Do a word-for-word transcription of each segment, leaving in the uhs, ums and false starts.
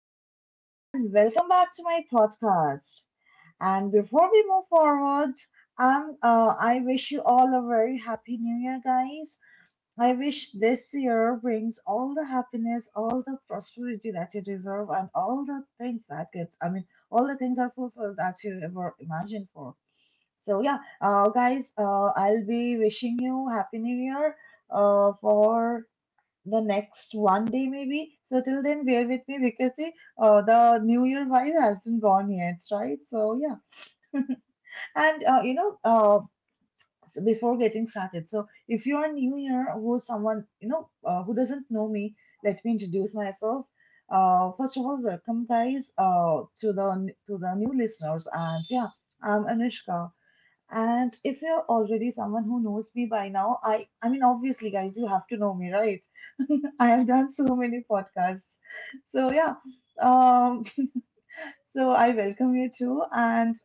everyone, and welcome back to my podcast. And before we move forward, um, uh, I wish you all a very happy new year, guys. I wish this year brings all the happiness, all the prosperity that you deserve, and all the things that get, I mean, all the things are fulfilled that you ever imagined for. So, yeah, uh, guys, uh, I'll be wishing you happy new year uh, for the next one day maybe. So till then, bear with me because see, uh, the New Year vibe hasn't gone yet, right? So yeah, and uh, you know, uh, so before getting started, so if you are new here, who someone you know uh, who doesn't know me, let me introduce myself. Uh, first of all, welcome guys uh, to the to the new listeners, and yeah, I'm Anushka. And if you're already someone who knows me by now, I I mean obviously guys, you have to know me, right? I have done so many podcasts. So yeah, um, so I welcome you too. And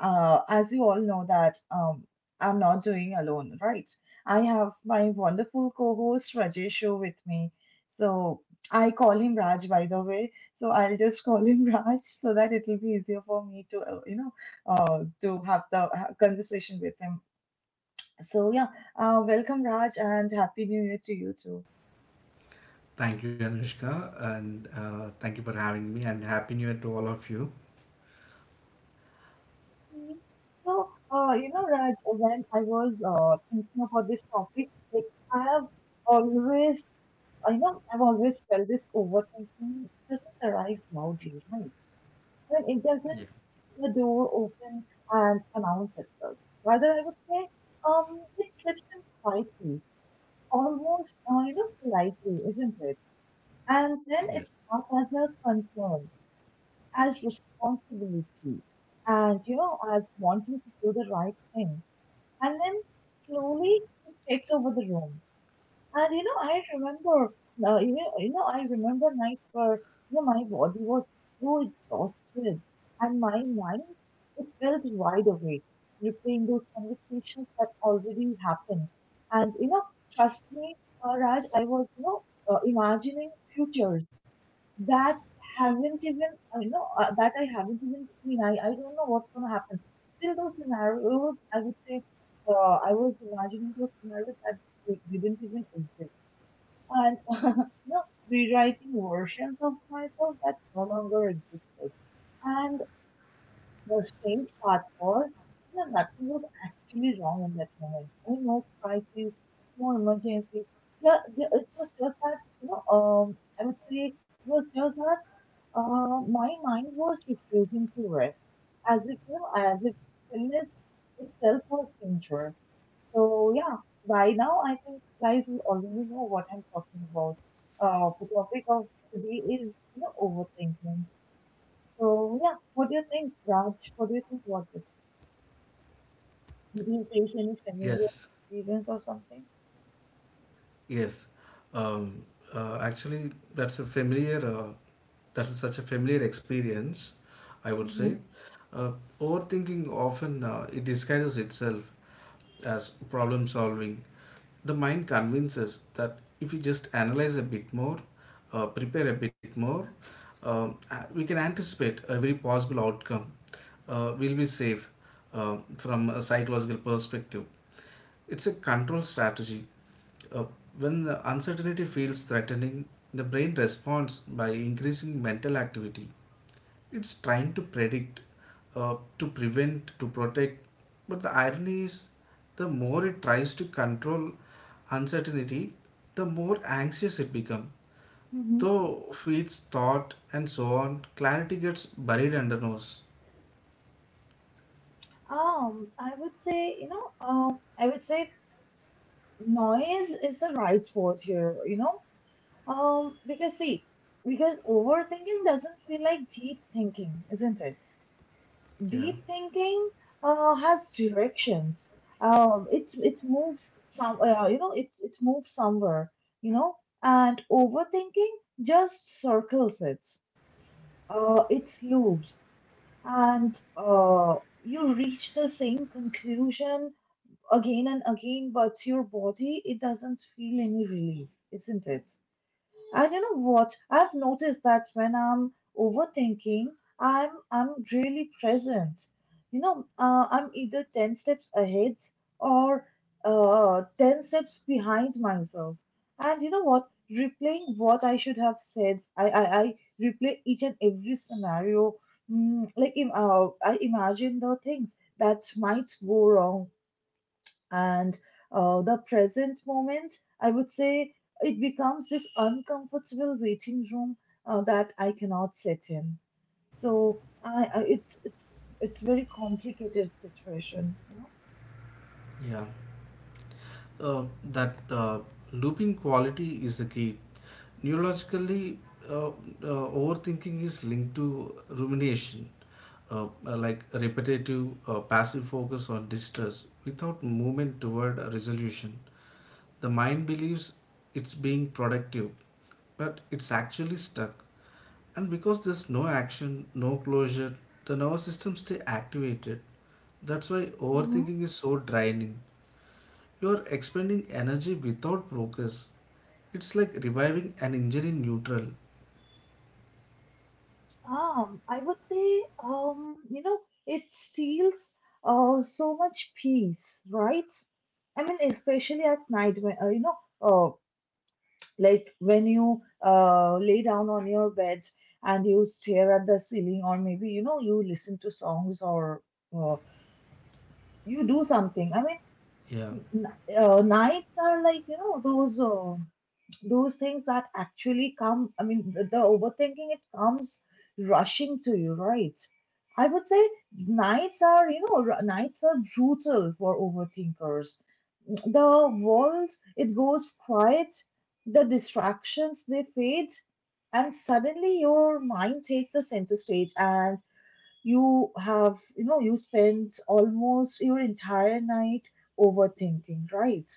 uh, as you all know that um, I'm not doing alone, right? I have my wonderful co-host Rajeshu with me. So I call him Raj, by the way. So I'll just call him Raj so that it will be easier for me to, uh, you know, uh, to have the uh, conversation with him. So yeah, uh, welcome Raj, and happy New Year to you too. Thank you, Anushka, and uh, thank you for having me. And happy New Year to all of you. Mhm. So, uh, you know, Raj, when I was uh, thinking about this topic, like I have always, I know I've always felt this overthinking doesn't arrive loudly, right? I mean, it doesn't Yeah. the door open and announce itself. Rather, I would say, um, it slips in quietly, almost, uh, you know, politely, isn't it? And then Yes. it's not as a concern, as responsibility, and you know, as wanting to do the right thing, and then slowly it takes over the room. And you know, I remember, uh, you know, you know, I remember nights where you know my body was so exhausted, and my mind it felt wide awake, replaying those conversations that already happened. And you know, trust me, uh, Raj, I was you know uh, imagining futures that haven't even I you know uh, that I haven't even seen. I I don't know what's gonna happen. Still, those scenarios I would say, uh, I was imagining those scenarios that d- didn't even exist, and you know rewriting versions of myself that no longer existed. And the strange part was, you know, nothing was actually wrong in that moment. I mean, no crisis, no emergency. Yeah, yeah, it was just that you know um I would say it was just that uh, my mind was refusing to rest, as if you know, as if illness itself was dangerous. So yeah, by now I think you guys will already know what I'm talking about. Uh, the topic of today is you know overthinking. So yeah, what do you think, Raj? What do you think about this? Did you face any familiar Yes, experience or something? yes. Um, uh, actually, that's a familiar uh, that's such a familiar experience, I would Mm-hmm. say. Uh, overthinking often uh, it disguises itself as problem solving. The mind convinces that if we just analyze a bit more, uh, prepare a bit more, um, a- we can anticipate every possible outcome. Uh, we'll be safe uh, from a psychological perspective. It's a control strategy. uh, when the uncertainty feels threatening, the brain responds by increasing mental activity. It's trying to predict, uh, to prevent, to protect. But the irony is, the more it tries to control uncertainty, the more anxious it becomes. Mm-hmm. Though feeds thought and so on, clarity gets buried under nose. Um, I would say, you know, um, I would say noise is the right word here, you know. Um, because see, because overthinking doesn't feel like deep thinking, isn't it? Yeah, Deep thinking uh, has directions. Um, it it moves some, uh, you know, it it moves somewhere, you know, and overthinking just circles it. Uh, it loops, and uh, you reach the same conclusion again and again, but your body it doesn't feel any relief, isn't it? And you know what? I've noticed that when I'm overthinking, I'm I'm really present. You know, uh, I'm either ten steps ahead or uh, ten steps behind myself. And you know what? Replaying what I should have said, I I, I replay each and every scenario. Mm, like im- uh, I imagine the things that might go wrong, and uh, the present moment, I would say it becomes this uncomfortable waiting room uh, that I cannot sit in. So I, I it's it's it's very complicated situation, you know. yeah. uh, that uh, Looping quality is the key. Neurologically, uh, uh, overthinking is linked to rumination, uh, uh, like repetitive uh, passive focus on distress without movement toward a resolution. The mind believes it's being productive, but it's actually stuck. And because there's no action, no closure, the nervous system stay activated. That's why hmm overthinking is so draining. You are expending energy without progress. It's like reviving an engine in neutral. Um, I would say, um, you know, it steals uh, so much peace, right? I mean, especially at night when uh, you know, uh, like when you uh, lay down on your bed and you stare at the ceiling, or maybe you know you listen to songs or uh, you do something. I Yeah. mean, n- uh, nights are like you know those uh, those things that actually come. I mean, the, the overthinking it comes rushing to you, right? I would say nights are you know r- nights are brutal for overthinkers. The walls, it goes quiet, the distractions, they fade, and suddenly your mind takes the center stage and you have, you know, you spend almost your entire night overthinking, right?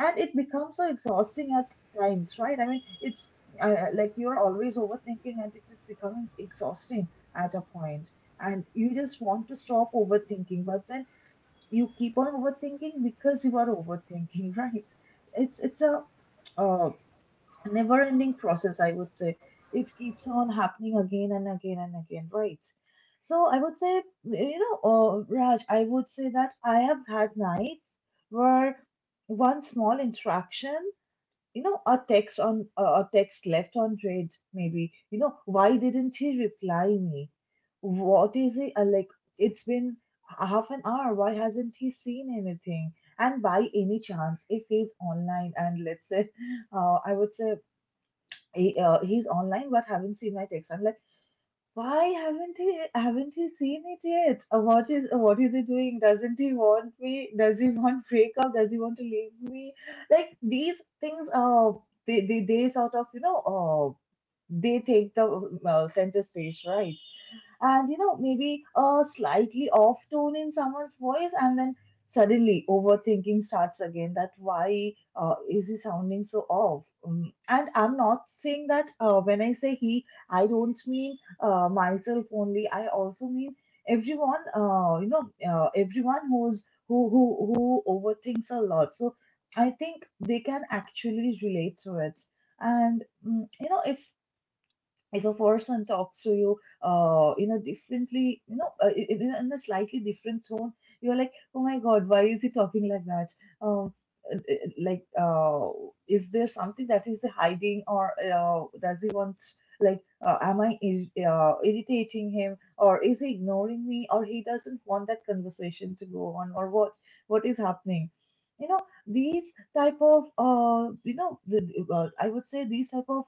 And it becomes so exhausting at times, right? I mean, it's uh, like you're always overthinking and it is becoming exhausting at a point. And you just want to stop overthinking, but then you keep on overthinking because you are overthinking. Right, it's it's a uh, never ending process, I would say. It keeps on happening again and again and again, right? So I would say you know, uh, Raj, I would say that I have had nights where one small interaction, you know, a text on uh, a text left unread, maybe, you know, why didn't he reply me? What is it uh, like? It's been half an hour. Why hasn't he seen anything? And by any chance, if he's online and let's say, uh, I would say he, uh, he's online but haven't seen my text, I'm like, why haven't he haven't he seen it yet? Uh, What is uh, what is he doing? Doesn't he want me? Does he want breakup? Does he want to leave me? Like these things, uh, they they, they sort of you know, uh, they take the uh, center stage, right? And you know maybe a slightly off tone in someone's voice, and then suddenly overthinking starts again, that why uh, is he sounding so off. Um, and I'm not saying that uh, when I say he I don't mean uh, myself only, I also mean everyone, uh, you know uh, everyone who's who who who overthinks a lot. So I think they can actually relate to it. And mm, you know, if if a person talks to you uh in a differently you know, uh, in, in in a slightly different tone, you're like, oh my god, why is he talking like that? um uh, uh, like uh is there something that he's hiding, or uh, does he want, like uh, am i ir- uh, irritating him, or is he ignoring me, or he doesn't want that conversation to go on, or what what is happening, you know? These type of uh, you know the, uh, I would say these type of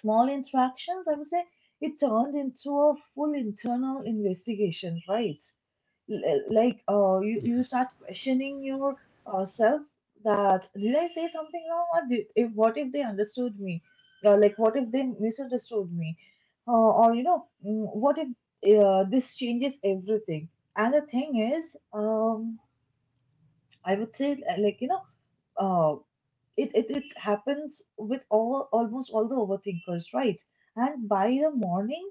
small interactions, I would say, it turned into a full internal investigation, right? L- uh, Like, uh, you, you Yes. start questioning your uh, self, that did I say something wrong, or did, if, what if they understood me? Uh, like, what if they misunderstood me? Uh, or, you know, mm, what if uh, this changes everything? And the thing is, um, I would say, uh, like, you know, uh it, it it happens with all almost all the overthinkers, right? And by the morning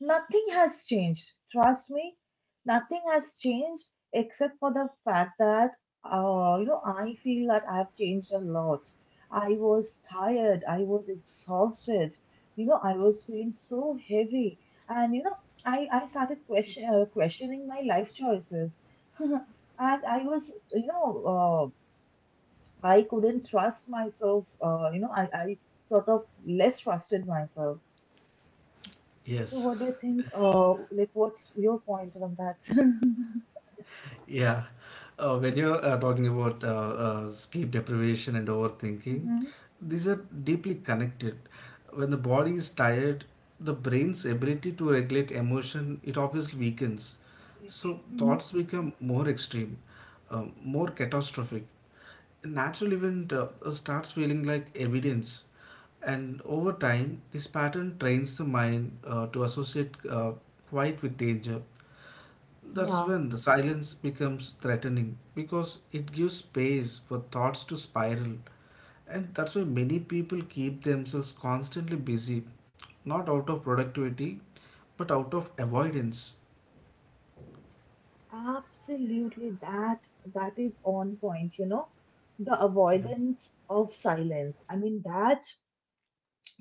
nothing has changed, trust me, nothing has changed, except for the fact that uh, you know I feel that I have changed a lot. I was tired, I was exhausted, you know I was feeling so heavy, and you know I I started question, uh, questioning my life choices. And I was you know uh, I couldn't trust myself. Uh, you know, I, I sort of less trusted myself. So, Yes. what do you think? Uh, like, what's your point on that? Yeah. Uh, when you're uh, talking about uh, uh, sleep deprivation and overthinking, hmm these are deeply connected. When the body is tired, the brain's ability to regulate emotion it obviously weakens. So hmm thoughts become more extreme, um, more catastrophic. A natural event uh, starts feeling like evidence, and over time this pattern trains the mind uh, to associate uh, quiet with danger. That's Yeah, when the silence becomes threatening, because it gives space for thoughts to spiral, and that's why many people keep themselves constantly busy, not out of productivity but out of avoidance. absolutely. That that is on point, you know. The yeah avoidance of silence. I mean that,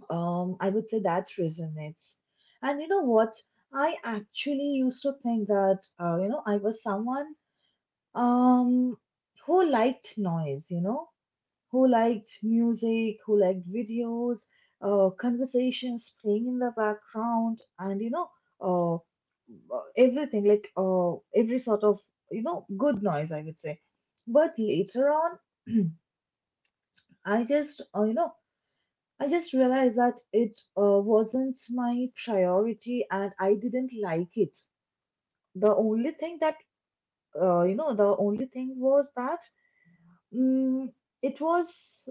um I would say that resonates. And you know what? I actually used to think that uh, you know I was someone um who liked noise, you know, who liked music, who liked videos, uh, conversations playing in the background, and you know, uh, everything like uh, every sort of you know good noise, I would say. But later on, I just uh, you know I just realized that it uh, wasn't my priority, and I didn't like it. The only thing that uh, you know, the only thing was that, mm, it was,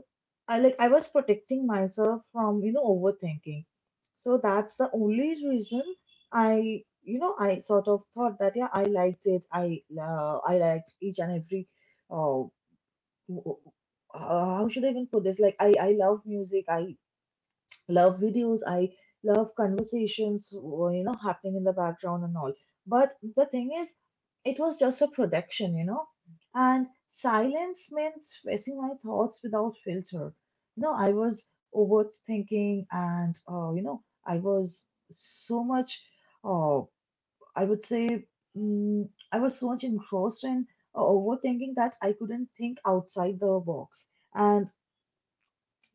I like I was protecting myself from you know overthinking. So that's the only reason I you know I sort of thought that yeah I liked it. I uh, I liked each and every uh, w- w- uh how should I even put this? Like I I love music. I love videos. I love conversations, w- you know, happening in the background and all. But the thing is, it was just a production you know And silence meant facing my thoughts without filter. No, I was overthinking, and uh, you know I was so much, uh, I would say, mm, I was so much engrossed in uh, overthinking, that I couldn't think outside the box. And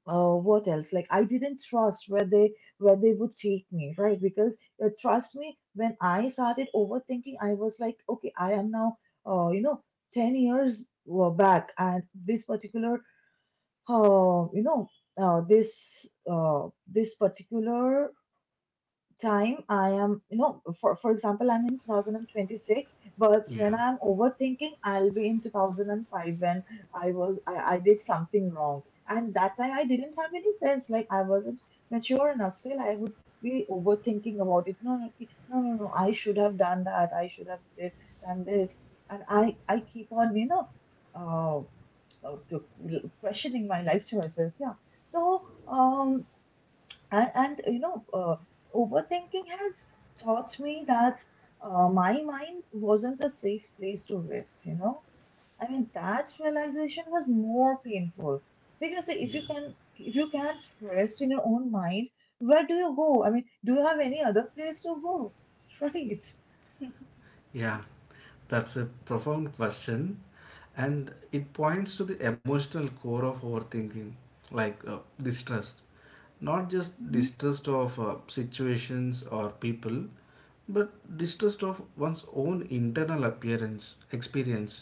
uh, what else? Like, I didn't trust where they where they would take me, right? Because uh, trust me, when I started overthinking, I was like, okay, I am now, uh, you know, ten years uh, back, and this particular, uh, you know, uh, this uh, this particular time I am, you know, for, for example, I'm in twenty twenty-six, but yeah when I'm overthinking, I'll be in two thousand five, when I was, I, I did something wrong. And that time I didn't have any sense, like I wasn't mature enough. Still, I would be overthinking about it. No, no, ki- no, no, no, I should have done that. I should have did, done this. And I, I keep on, you know, uh, uh, questioning my life choices. Yeah. So, um, and and you know uh, overthinking has taught me that uh, my mind wasn't a safe place to rest you know I mean, that realization was more painful, because if yeah you can, if you can't rest in your own mind, where do you go? I mean, do you have any other place to go? Right? yeah That's a profound question, and it points to the emotional core of overthinking, like uh, distrust. Not just Mm-hmm. distrust of uh, situations or people, but distrust of one's own internal appearance experience.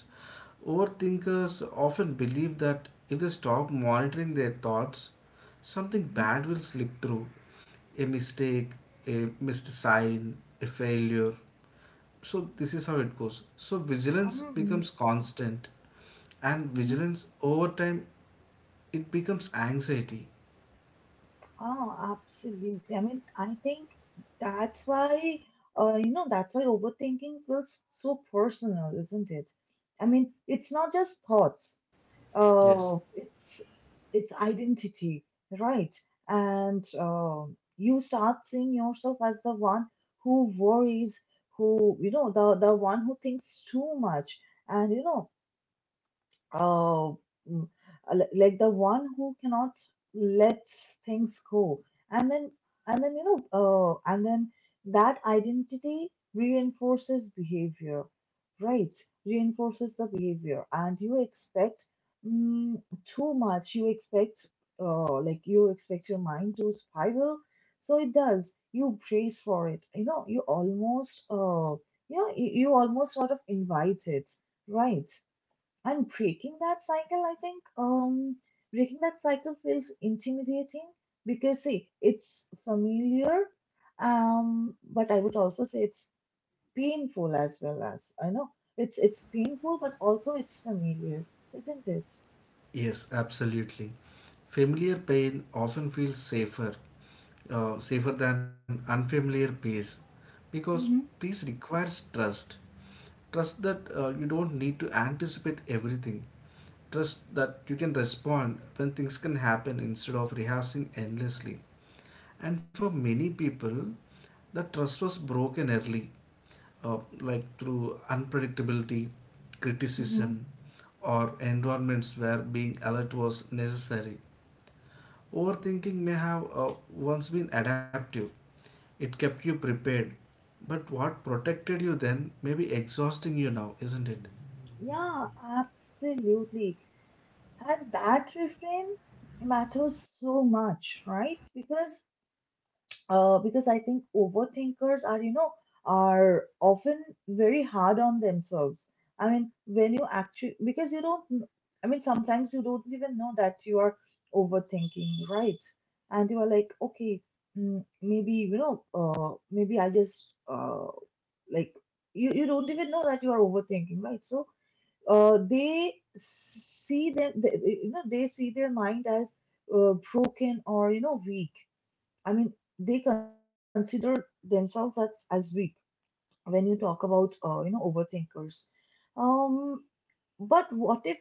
Overthinkers often believe that if they stop monitoring their thoughts, something Mm-hmm. bad will slip through: a mistake, a missed sign, a failure. So this is how it goes. So vigilance Mhm. becomes constant, and Mhm. vigilance over time it becomes anxiety. Oh, absolutely. I mean, I think that's why, uh, you know, that's why overthinking feels so personal, isn't it? I mean, it's not just thoughts. yes Uh, it's it's identity, right? And uh, you start seeing yourself as the one who worries, who, you know, the the one who thinks too much, and you know, oh, mm, uh, li- like the one who cannot let things go, and then and then you know, uh, and then that identity reinforces behavior, right? Reinforces the behavior, and you expect mm, too much. You expect, uh, like, you expect your mind to spiral, so it does. You brace for it. You know, you almost, uh, you know, you, you almost sort of invite it, right? And breaking that cycle, I think, um, breaking that cycle feels intimidating, because, see, it's familiar, um, but I would also say it's painful as well, as I know it's it's painful, but also it's familiar, isn't it? yes absolutely. Familiar pain often feels safer, uh, safer than unfamiliar peace, because Mm-hmm. peace requires trust. Trust that uh, you don't need to anticipate everything. Trust that you can respond when things can happen instead of rehearsing endlessly. And for many people that trust was broken early, uh, like through unpredictability, criticism, Mm-hmm. or environments where being alert was necessary. Overthinking may have uh, once been adaptive, it kept you prepared, but what protected you then may be exhausting you now, isn't it? Yeah, absolutely. And that refrain matters so much, right? Because uh, because I think overthinkers are, you know, are often very hard on themselves. I mean, when you actually, because you don't, kn- I mean, sometimes you don't even know that you are overthinking, right? And you are like, okay, mm, maybe, you know, uh, maybe I just, uh, like, you, you don't even know that you are overthinking, right? So, uh, they see them, they, they- you know, they see their mind as uh, broken or, you know, weak. I mean, they consider themselves as, as weak, when you talk about uh, you know overthinkers. um but what if,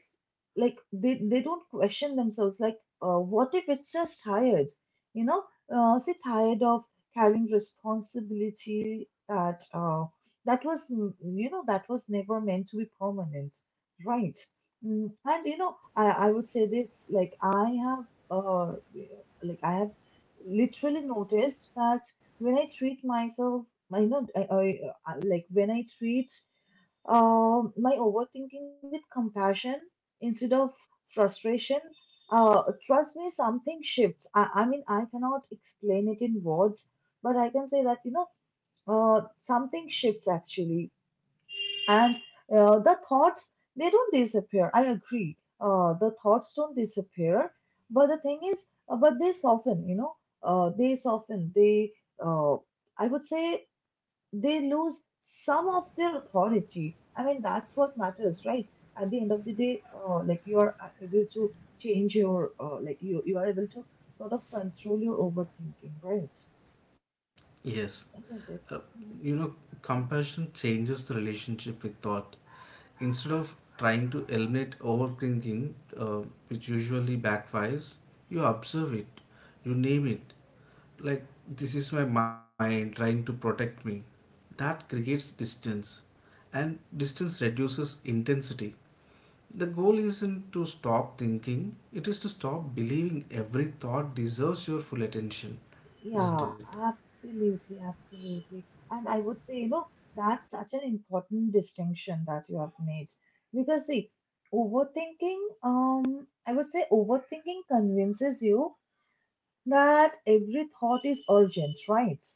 like, they, they don't question themselves, like, uh, what if it's just tired, you know, uh, say, tired of carrying responsibility that uh, that was, mm, you know, that was never meant to be permanent, right? Mm, and you know, I, I would say this, like, i have uh, like i have literally noticed that when I treat myself, I know, I, I, I like, when I treat uh, my overthinking with compassion instead of frustration. Uh, trust me, something shifts. I, I mean, I cannot explain it in words, but I can say that, you know, uh, something shifts actually, and uh, the thoughts, they don't disappear. I agree. Uh, the thoughts don't disappear, but the thing is, uh, but they soften. You know, uh, they soften. They uh, I would say, they lose some of their authority. I mean, that's what matters, right? At the end of the day, uh, like, you are uh, able to change your, uh, like, you, you are able to sort of control your overthinking, right? Yes. Uh, Isn't it? you know, Mhm. compassion changes the relationship with thought. Instead of trying to eliminate overthinking, uh, which usually backfires, you observe it, you name it, like this is my mind trying to protect me. That creates distance, and distance reduces intensity. The goal isn't to stop thinking, it is to stop believing every thought deserves your full attention, isn't Yeah, it? absolutely, absolutely. And I would say, you know, that's such an important distinction that you have made. Because, see, overthinking, um, I would say, overthinking convinces you that every thought is urgent, right?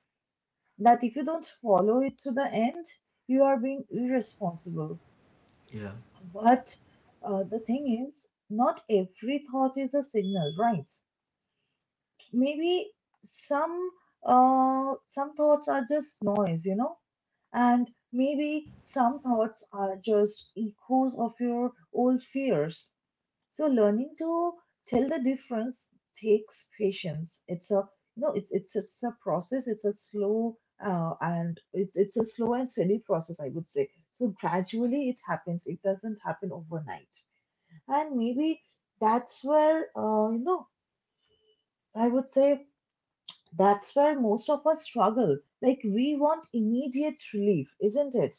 That if you don't follow it to the end, you are being irresponsible. Yeah, But uh, the thing is, not every thought is a signal, right? Maybe some, uh, some thoughts are just noise, you know, and maybe some thoughts are just echoes of your old fears. So learning to tell the difference takes patience. It's a you know it's it's it's a process. It's a slow, uh, and it's it's a slow and steady process, I would say. So gradually it happens. It doesn't happen overnight. And maybe that's where, uh, you know I would say, that's where most of us struggle. Like, we want immediate relief, isn't it?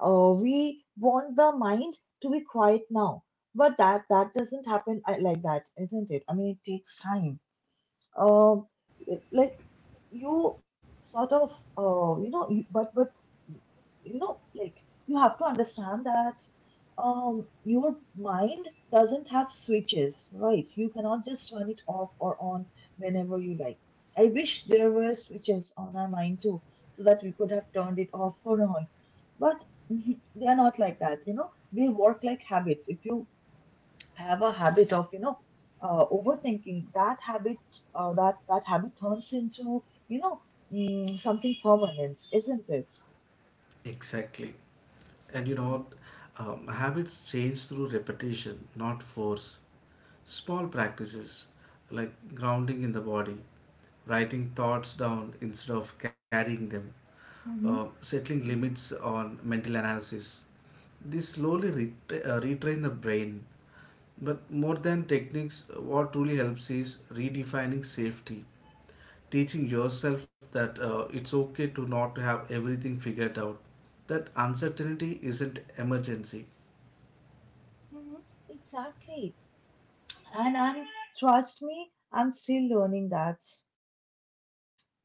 Uh, we want the mind to be quiet now. But that that doesn't happen uh, like that, isn't it? I mean, it takes time, uh, like, you sort of, uh, you know you, but, but you know, like, you have to understand that, um your mind doesn't have switches, right? You cannot just turn it off or on whenever you like. I wish there were switches on our mind too, so that we could have turned it off or on, but they are not like that, you know. They work like habits. If you have a habit of, you know, uh, overthinking, that habit, uh, that that habit turns into, you know, mm, something permanent, isn't it? exactly. And you know, Mhm. um, habits change through repetition, not force. Small practices like grounding in the body, writing thoughts down instead of carrying them, uh, Hmm. settling limits on mental analysis. This slowly retra- uh, retrain the brain. But more than techniques, what truly helps is redefining safety, teaching yourself that uh, it's okay to not have everything figured out. That uncertainty isn't emergency. Hmm. Exactly. And I'm, trust me, I'm still learning that.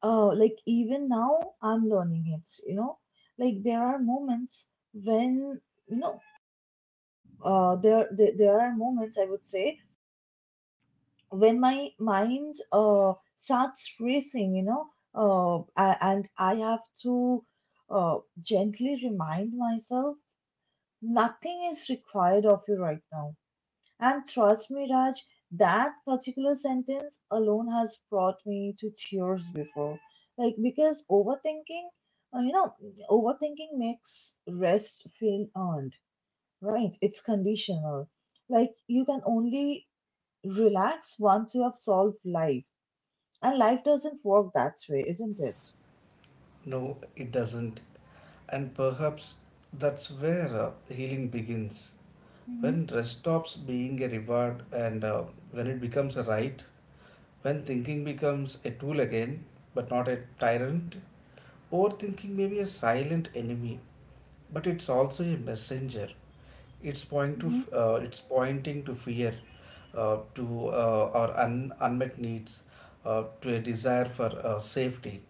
Uh, like, even now, I'm learning it, you know. Like, there are moments when, you know, uh, there, there there are moments, I would say, when my mind uh, starts racing, you know, uh, a- and I have to uh, gently remind myself, nothing is required of you right now. And trust me, Raj, that particular sentence alone has brought me to tears before. Like, because overthinking, uh, you know, overthinking makes rest feel earned, right? It's conditional. Like, you can only relax once you have solved life, and life doesn't work that way, isn't it? No, it doesn't. And perhaps that's where uh, healing begins. Hmm. When rest stops being a reward and uh, when it becomes a right. When thinking becomes a tool again, but not a tyrant, overthinking may be a silent enemy, but it's also a messenger. It's point to hmm. F- uh, it's pointing to fear, uh, to uh, our un- unmet needs, uh, to a desire for uh, safety.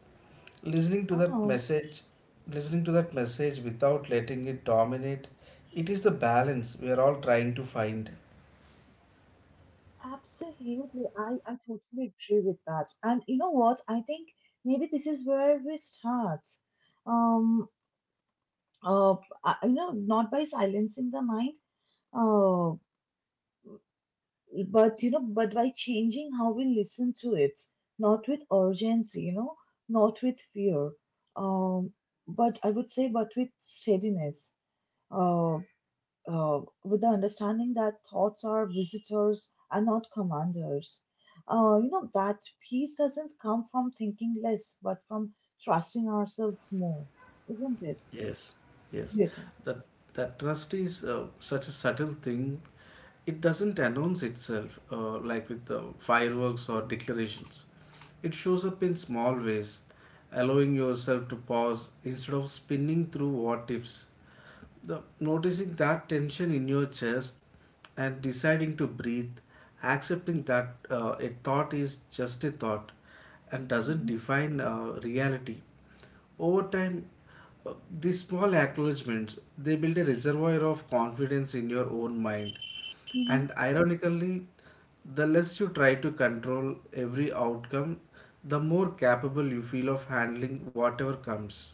Listening to that Oh, message, listening to that message without letting it dominate, it is the balance we are all trying to find. absolutely. I, I totally agree with that. And you know what? I think maybe this is where we start. Um, uh, I- you know, not by silencing the mind, uh, but, you know, but by changing how we listen to it, not with urgency, you know, not with fear, um, but I would say, but with steadiness. Uh. Uh, with the understanding that thoughts are visitors and not commanders. Uh, you know, that peace doesn't come from thinking less, but from trusting ourselves more, isn't it? Yes, What yes, do you think? that that trust is uh, such a subtle thing. It doesn't announce itself uh, like with the fireworks or declarations. It shows up in small ways, allowing yourself to pause instead of spinning through what ifs. The, noticing that tension in your chest and deciding to breathe, accepting that uh, a thought is just a thought and doesn't Mhm, define uh, reality. Over time, uh, these small acknowledgments they build a reservoir of confidence in your own mind, mhm, and ironically, the less you try to control every outcome, the more capable you feel of handling whatever comes.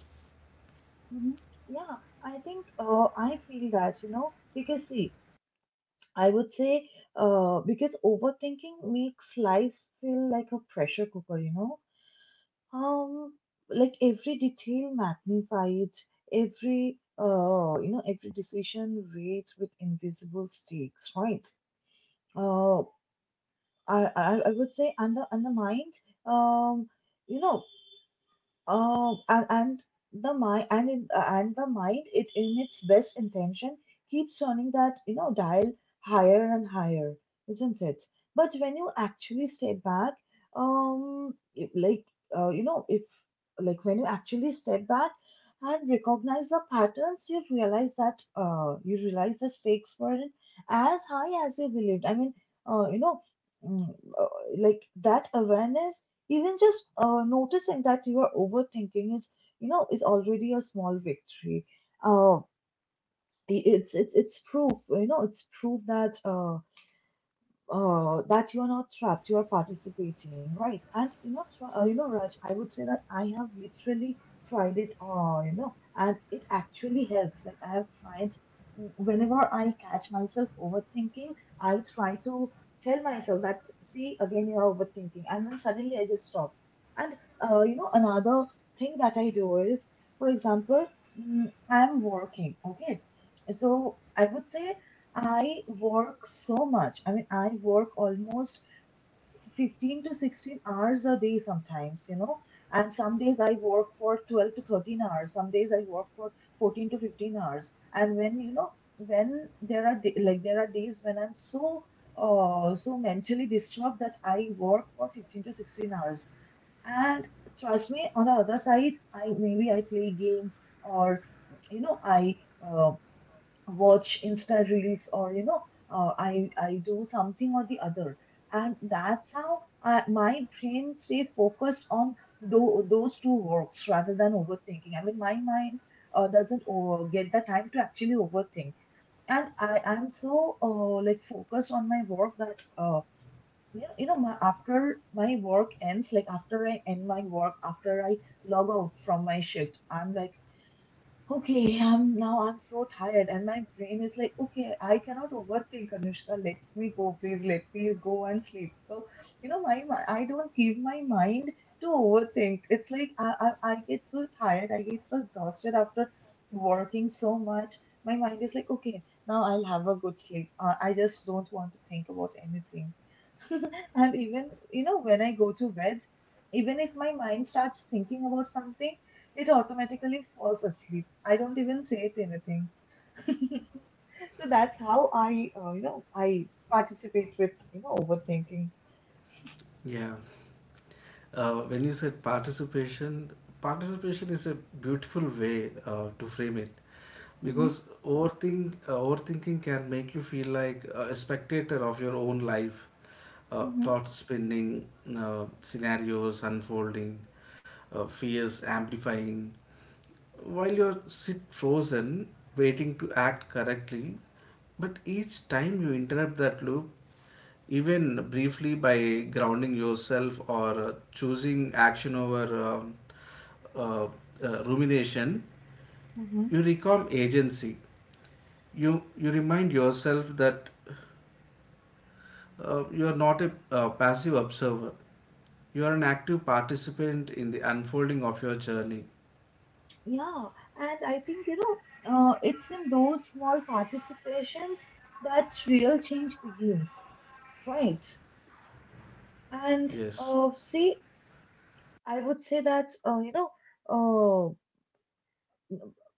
mhm. Yeah, I think, uh, I feel that, you know, because, see, I would say, uh, because overthinking makes life feel like a pressure cooker, you know. Um, like, every detail magnified, every, uh, you know, every decision weighs with invisible stakes, right? Uh, I, I I would say, and the and the mind, um, you know, um, and, and the mind, and in, uh, and the mind, it in its best intention keeps turning that, you know, dial higher and higher, isn't it? But when you actually step back, um, if, like, uh, you know, if like when you actually step back and recognize the patterns, you realize that, uh, you realize the stakes weren't as high as you believed. I mean, uh, you know, mm, uh, like that awareness, even just uh, noticing that you are overthinking is, you know, is already a small victory. Uh, i- it's it's it's proof, you know, it's proof that, uh, uh, that you are not trapped, you are participating, right? And you know, tr- uh, you know, Raj, I would say that I have literally tried it all, you know, and it actually helps. Like, I have tried. Mm, whenever I catch myself overthinking, I try to tell myself that, see, again, you're overthinking, and then suddenly I just stop. And uh, you know, another thing that I do is, for example, mm, I'm working, okay. So I would say, I work so much. I mean, I work almost fifteen to sixteen hours a day sometimes, you know. And some days I work for twelve to thirteen hours. Some days I work for fourteen to fifteen hours. And when, you know, when there are da- like, there are days when I'm so, uh so mentally disturbed, that I work for fifteen to sixteen hours. And trust me, on the other side, I maybe I play games or you know, I uh watch Insta reels, or you know uh, I I do something or the other. And that's how I, my brain stay focused on tho- those two works rather than overthinking. I mean, my mind uh, doesn't over, get the time to actually overthink. And I I'm so uh, like focused on my work that uh, you know, you know my, after my work ends, like after I end my work after I log out from my shift, I'm like, okay, I'm now I'm so tired and my brain is like, okay, I cannot overthink, Anushka. Let me go, please. Let me go and sleep. So, you know, my, my I don't give my mind to overthink. It's like I, I I get so tired, I get so exhausted after working so much. My mind is like, okay, now I'll have a good sleep. Uh, I just don't want to think about anything. And even, you know, when I go to bed, even if my mind starts thinking about something, it automatically falls asleep. I don't even say it anything. So that's how I, uh, you know, I participate with, you know, overthinking. Yeah. Uh, when you said participation, participation is a beautiful way uh, to frame it, Mm-hmm, because overthink, uh, overthinking can make you feel like a spectator of your own life. Uh, mm-hmm, Thoughts spinning, uh, scenarios unfolding, uh, fears amplifying, while you sit frozen, waiting to act correctly, but each time you interrupt that loop, even briefly by grounding yourself or uh, choosing action over um, uh, uh, rumination, mm-hmm. you reclaim agency. You you remind yourself that uh, you are not a uh, passive observer. You are an active participant in the unfolding of your journey. Yeah, and I think, you know, uh, it's in those small participations that real change begins, right? And Yes. uh, see, I would say that, uh, you know, uh,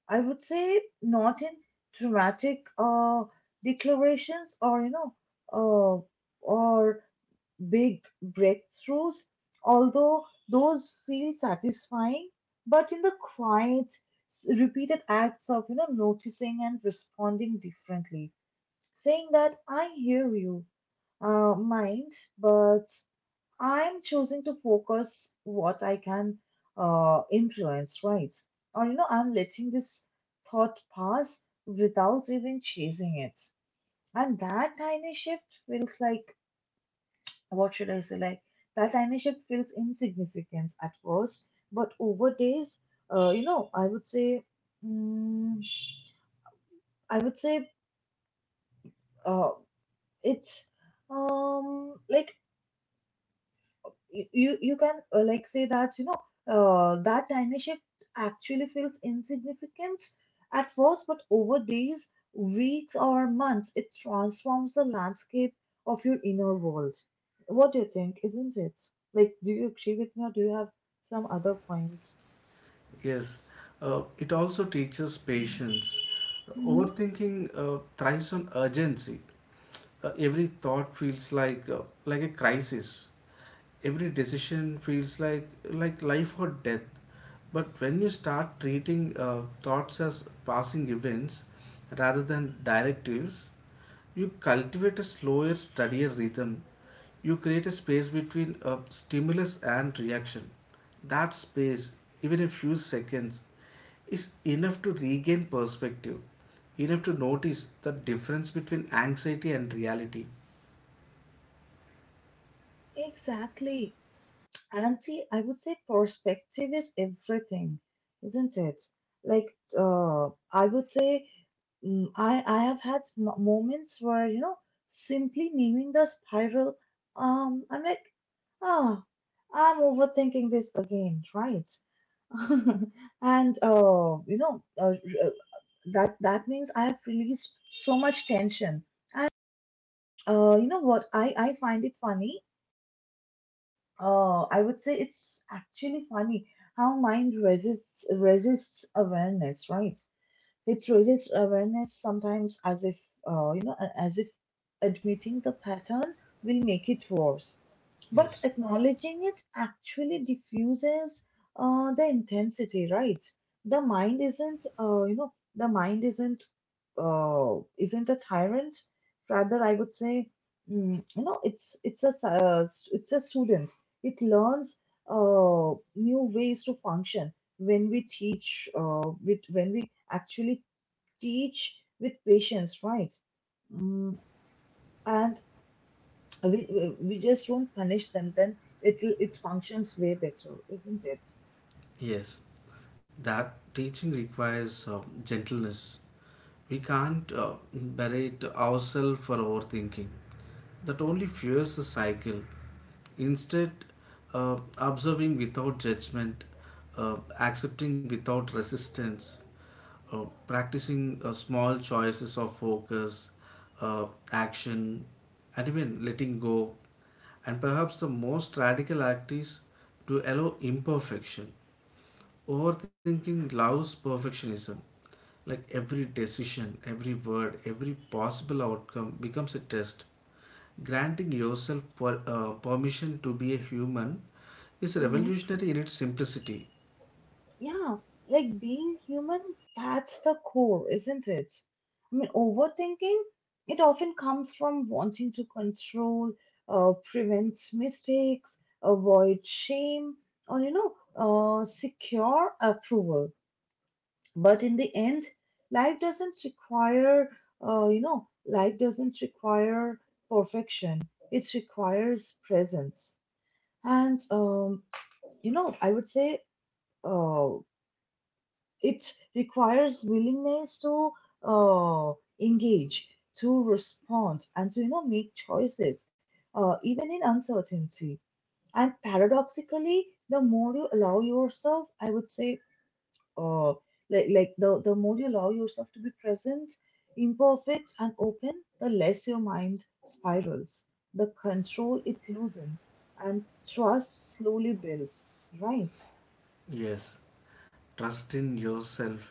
I would say not in dramatic uh, declarations, or you know uh, or big breakthroughs, although those feel satisfying, but in the quiet, s- repeated acts of, you know, noticing and responding differently, saying that I hear you, uh, mind, but I'm choosing to focus what I can uh, influence, right? Or, you know, I'm letting this thought pass without even chasing it. And that tiny shift feels like, what should I say? Like, that tiny shift feels insignificant at first, but over days, uh, you know, I would say, mm, I would say, uh, it, um, like you you you can, uh, like, say that, you know uh, that tiny shift actually feels insignificant at first, but over days, weeks, or months, it transforms the landscape of your inner world. What do you think? Isn't it? Like, do you agree with me, or do you have some other points? Yes, uh, it also teaches patience. Mm-hmm. Overthinking uh, thrives on urgency. Uh, every thought feels like uh, like a crisis. Every decision feels like like life or death. But when you start treating uh, thoughts as passing events rather than directives, you cultivate a slower, steadier rhythm. You create a space between a stimulus and reaction. That space, even a few seconds, is enough to regain perspective, enough to notice the difference between anxiety and reality. Exactly. Auntie, I would say perspective is everything, isn't it? Like, uh, I would say, mm, I I have had m- moments where, you know, simply naming the spiral, um, I'm like, ah, I'm overthinking this again, right? And uh, you know, uh, r- uh, that that means I have released so much tension. Uh, you know what? I I find it funny. Oh, I would say it's actually funny how mind resists resists awareness, right? It raises awareness sometimes as if, uh, you know, as if admitting the pattern will make it worse. But Yes, acknowledging it actually diffuses uh, the intensity, right? The mind isn't, uh, you know, the mind isn't, uh, isn't a tyrant. Rather, I would say, mm, you know, it's it's a s- uh, s- it's a student. It learns uh, new ways to function when we teach uh, with when we actually teach with patience, right? Mm, and we, we we just don't punish them, then it will it functions way better, isn't it? yes. That teaching requires uh, gentleness. We can't uh, berate ourselves for overthinking. That only fuels the cycle. Instead, uh, observing without judgment, uh, accepting without resistance, uh, practicing uh, small choices of focus, uh, action, and even letting go. And perhaps the most radical act is to allow imperfection. Overthinking loves perfectionism. Like every decision, every word, every possible outcome becomes a test. Granting yourself per, uh, permission to be a human is Hmm. revolutionary in its simplicity. Yeah, like being human, that's the core, isn't it? I mean, overthinking, it often comes from wanting to control, uh, prevent mistakes, avoid shame, or, you know, uh, secure approval. But in the end, life doesn't require uh, you know life doesn't require perfection, it requires presence. And um, you know I would say uh, it requires willingness to uh, engage, to respond, and to, you know, make choices, uh, even in uncertainty. And paradoxically, the more you allow yourself I would say uh, like like the the more you allow yourself to be present, imperfect, and open, the less your mind spirals, the control it loosens, and trust slowly builds. Right? Yes, trust in yourself,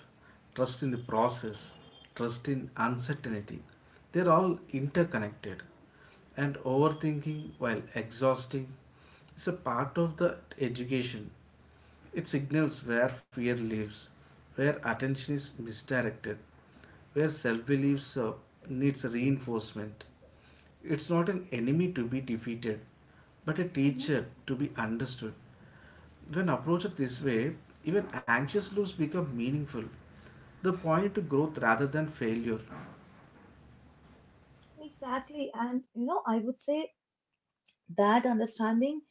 trust in the process, trust in uncertainty. They're all interconnected. And overthinking, while exhausting, is a part of the education. It signals where fear lives, where attention is misdirected, where self belief needs reinforcement. It's not an enemy to be defeated, but a Mhm. teacher to be understood. When approached this way, even anxious loops become meaningful. They point to growth rather than failure. Exactly. And you know, I would say that understanding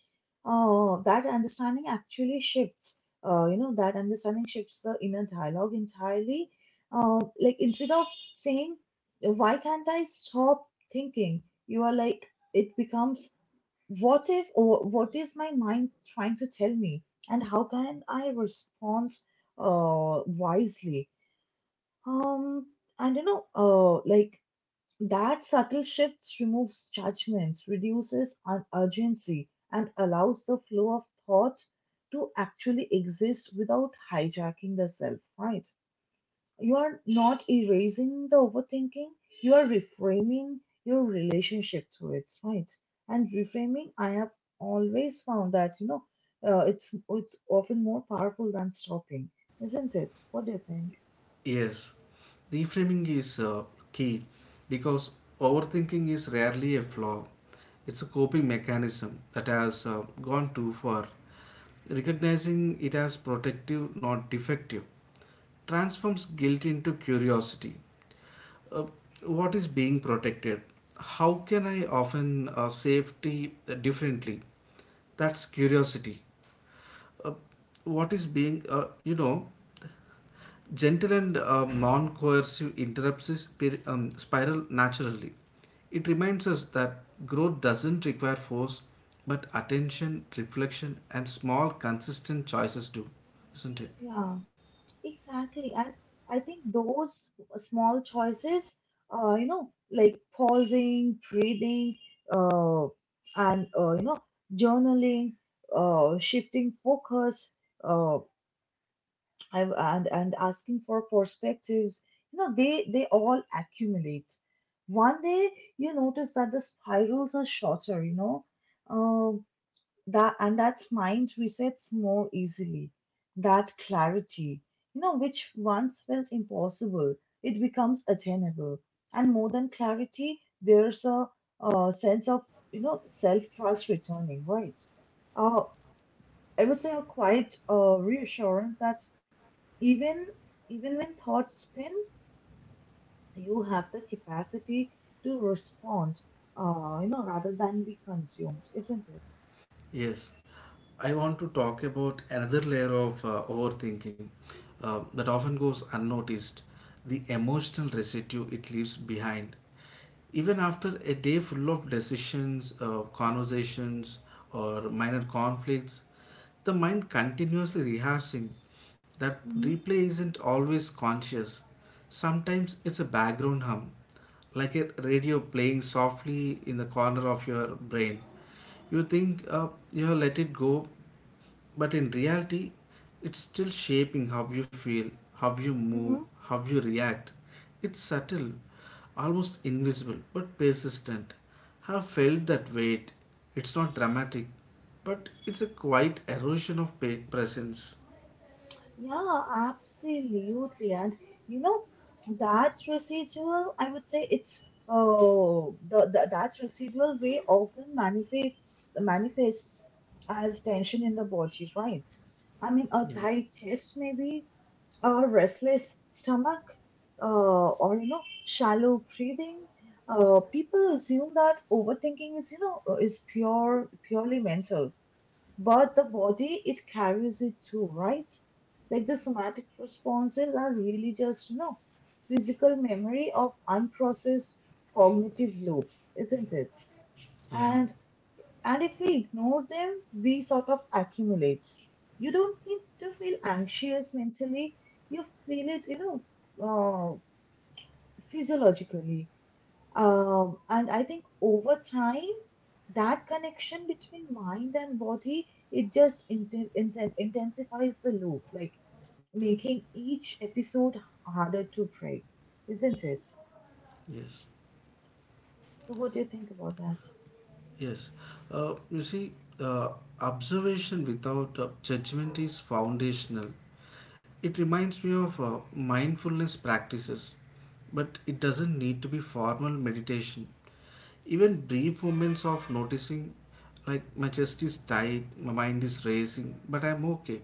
uh, that understanding actually shifts uh, you know that understanding shifts the inner dialogue entirely. uh, like, instead of saying, why can't I stop thinking, you are like, it becomes, what if, or what is my mind trying to tell me, and how can I respond uh, wisely? Um and you know uh, like That subtle shift removes judgments, reduces un- urgency, and allows the flow of thought to actually exist without hijacking the self, right? You are not erasing the overthinking, you are reframing your relationship to it, right? And reframing, I have always found that, you know, uh, it's, it's often more powerful than stopping, isn't it? What do you think? Yes, reframing is uh, key, because overthinking is rarely a flaw. It's a coping mechanism that has uh, gone too far. Recognizing it as protective, not defective, transforms guilt into curiosity. Uh, what is being protected? How can I often uh, safety differently? That's curiosity. Uh, what is being, uh, you know, Gentle and uh, non coercive interrupts this um, spiral naturally. It reminds us that growth doesn't require force, but attention, reflection, and small, consistent choices do, isn't it? Yeah. Exactly. And I think those small choices, uh, you know, like pausing, breathing, uh, and, uh, you know, journaling, uh, shifting focus, uh, I, and, and asking for perspectives, you know, they, they all accumulate. One day you notice that the spirals are shorter, you know. Um, that and that mind resets more easily, that clarity, you know, which once felt impossible, it becomes attainable. And more than clarity, there's a, uh, sense of, you know, self trust returning, right? uh, I would say a quiet uh, reassurance that even even when thoughts spin, you have the capacity to respond, uh, you know, rather than be consumed, isn't it? Yes, I want to talk about another layer of uh, overthinking uh, that often goes unnoticed, the emotional residue it leaves behind. Even after a day full of decisions, uh, conversations, or minor conflicts, the mind continuously rehearsing that Hmm. replay isn't always conscious. Sometimes it's a background hum, like a radio playing softly in the corner of your brain. You think uh, you have let it go, but in reality, it's still shaping how you feel, how you move, Mhm. how you react. It's subtle, almost invisible, but persistent. Have felt that weight. It's not dramatic, but it's a quiet erosion of pa- presence. Yeah, absolutely. And you know, that residual, I would say it's oh the, the that residual way often manifests manifests as tension in the body, right? I mean, a Yeah, tight chest maybe, a restless stomach, uh, or, you know, shallow breathing. Uh, people assume that overthinking is, you know, uh, is pure purely mental, but the body, it carries it too, right? Like, the somatic responses are really just, you know, physical memory of unprocessed cognitive loops, isn't it? yeah, And and if we ignore them, we sort of accumulate. You don't need to feel anxious mentally; you feel it, you know, uh, physiologically. Um, and I think over time, that connection between mind and body, it just inten- inten- intensifies the loop, like making each episode harder to break, isn't it? yes, So, what do you think about that? yes. Uh, you see, uh, observation without uh, judgment is foundational. It reminds me of uh, mindfulness practices, but it doesn't need to be formal meditation. Even brief moments of noticing, like my chest is tight, my mind is racing, but I'm okay,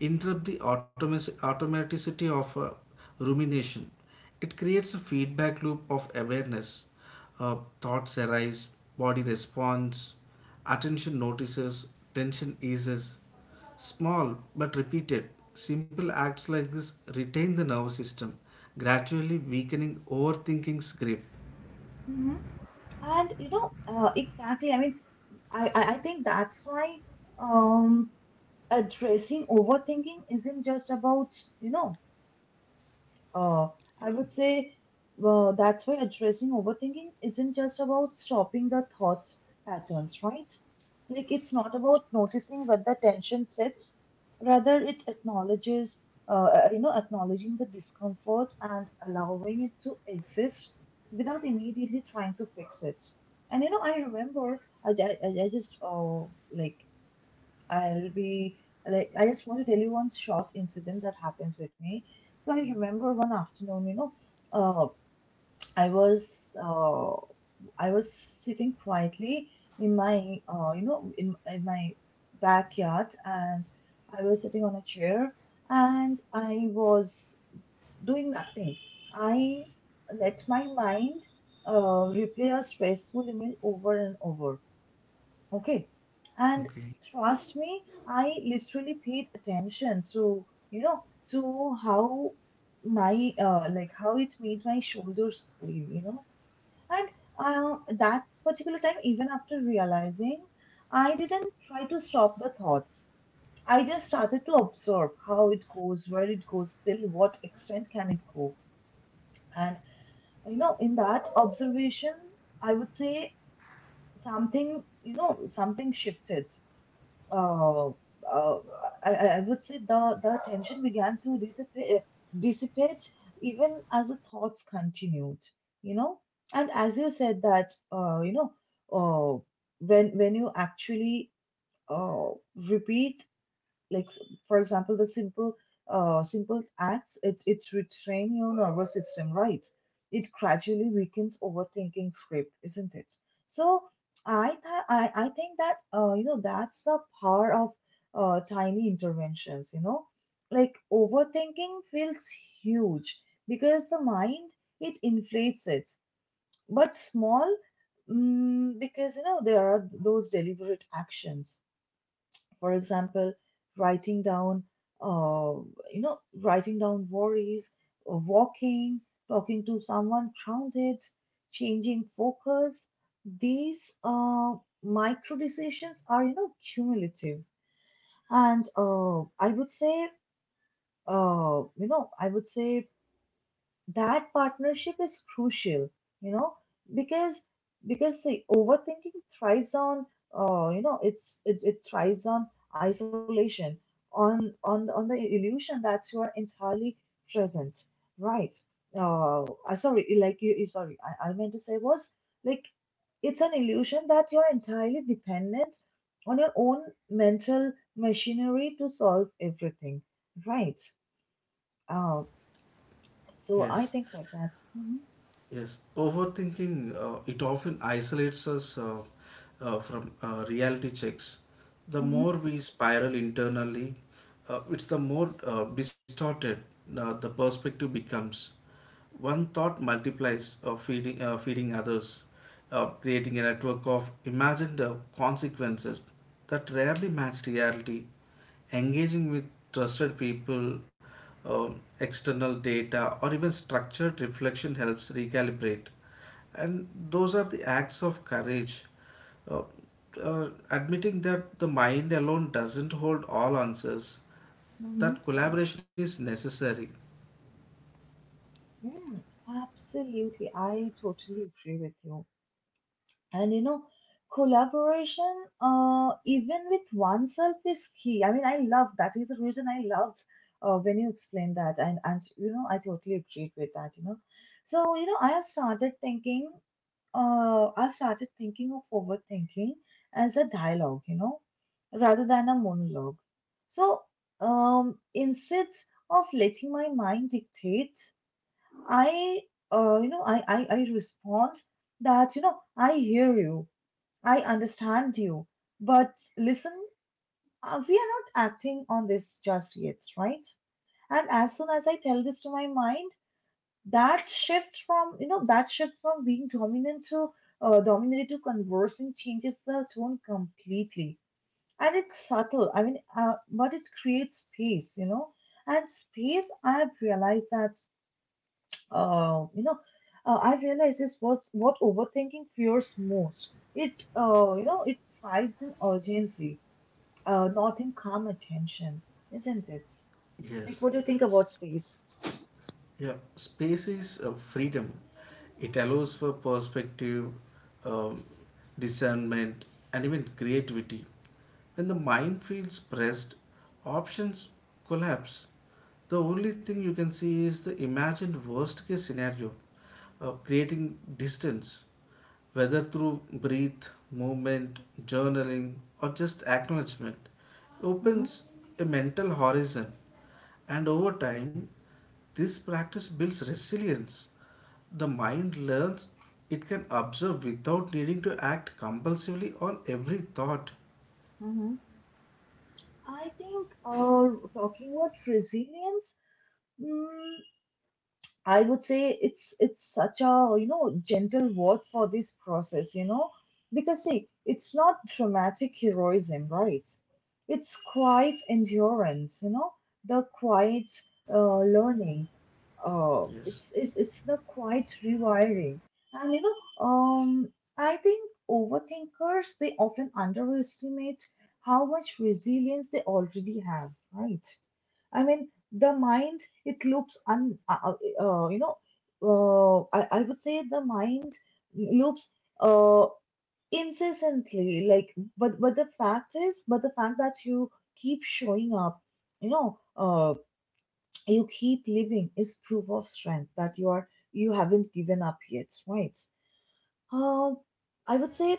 interrupt the automaticity of uh, rumination. It creates a feedback loop of awareness. Uh, Thoughts arise, body responds, attention notices, tension eases. Small but repeated, simple acts like this retain the nervous system, gradually weakening overthinking's grip. Hmm. And you know, uh, exactly. I mean, I, I I think that's why um, addressing overthinking isn't just about, you know, Uh, I would say uh, that's why addressing overthinking isn't just about stopping the thought patterns, right? Like, it's not about noticing where the tension sits, rather it acknowledges, uh, uh, you know, acknowledging the discomfort and allowing it to exist without immediately trying to fix it. And you know, I remember I, I, I I just uh, like I'll be like, I just want to tell you one short incident that happened with me. So I remember one afternoon, you know, uh, I was uh, I was sitting quietly in my, uh, you know in, in my backyard, and I was sitting on a chair, and I was doing nothing. I let my mind uh, replay a stressful image over and over. Okay. And Okay. trust me, I literally paid attention to, you know, to how my, uh, like how it made my shoulders feel, you know. And uh, that particular time, even after realizing, I didn't try to stop the thoughts. I just started to observe how it goes, where it goes, till what extent can it go. And, you know, in that observation, I would say something, you know, something shifted. Uh, uh, I, I I would say the, the tension began to dissipate, dissipate even as the thoughts continued, you know. And as you said that, uh, you know, uh, when when you actually uh, repeat, like, for example, the simple uh, simple acts, it it retrain your nervous system, right? It gradually weakens overthinking script, isn't it? So i th- I, I think that, uh, you know that's the power of uh, tiny interventions, you know. Like, overthinking feels huge because the mind, it inflates it. But small, mm, because, you know, there are those deliberate actions, for example, writing down, uh, you know writing down worries, uh, walking, talking to someone grounded, changing focus, these uh, micro decisions are, you know, cumulative. And uh, i would say uh, you know I would say that partnership is crucial, you know, because because the overthinking thrives on, uh, you know it's it, it thrives on isolation, on on on the illusion that you are entirely present, right? Uh I- sorry like you you- sorry I, I meant to say was like It's an illusion that you're entirely dependent on your own mental machinery to solve everything, right? Uh so i Yes. think like that. Hmm. Yes, overthinking uh, it often isolates us uh, uh, from uh, reality checks. The more we spiral internally, uh, it's the more uh, distorted uh, the perspective becomes. One thought multiplies, uh, feeding uh, feeding others, uh, creating a network of imagined uh, consequences that rarely match reality. Engaging with trusted people, um, external data, or even structured reflection helps recalibrate. And those are the acts of courage. Uh, uh, Admitting that the mind alone doesn't hold all answers, that Mhm. collaboration is necessary. Mm, absolutely. I totally agree with you. And you know, collaboration, uh, even with oneself is key. I mean, I love that, is the reason I loved uh, when you explained that. And, and, you know, I totally agreed with that, you know. So, you know, I have started thinking, uh, I started thinking of overthinking as a dialogue, you know, rather than a monologue. So, um, instead of letting my mind dictate, I, uh, you know, I, I, I respond that, you know, I hear you, I understand you, but listen, uh, we are not acting on this just yet, right? And as soon as I tell this to my mind, that shift from, you know, that shift from being dominant to uh, dominated to conversing changes the tone completely. And it's subtle, I mean, uh, but it creates space, you know, and space, I've realized that uh, you know, uh, I realize this was what overthinking fears most. It uh, you know, it thrives in urgency, uh, not in calm attention, isn't it? Like, Yes. what do you think about space? Yeah, space is uh, freedom. It allows for perspective, um, discernment, and even creativity. When the mind feels pressed, options collapse. The only thing you can see is the imagined worst case scenario, uh, creating distance. Whether through breath, movement, journaling, or just acknowledgement, it Mm-hmm. opens a mental horizon. And over time, this practice builds resilience. The mind learns it can observe without needing to act compulsively on every thought. Mm-hmm. I think uh, talking about resilience. mm, I would say it's it's such a, you know, gentle word for this process, you know, because see, it's not dramatic heroism, right? It's quiet endurance, you know, the quiet uh, learning, uh, Yes, it's it's it's the quiet rewiring. And you know um I think overthinkers, they often underestimate how much resilience they already have, right? I mean, the mind, it loops un uh, uh, uh, you know uh, I, I would say the mind loops uh incessantly. Like but but the fact is but the fact that you keep showing up, you know uh you keep living is proof of strength, that you are, you haven't given up yet, right? um I would say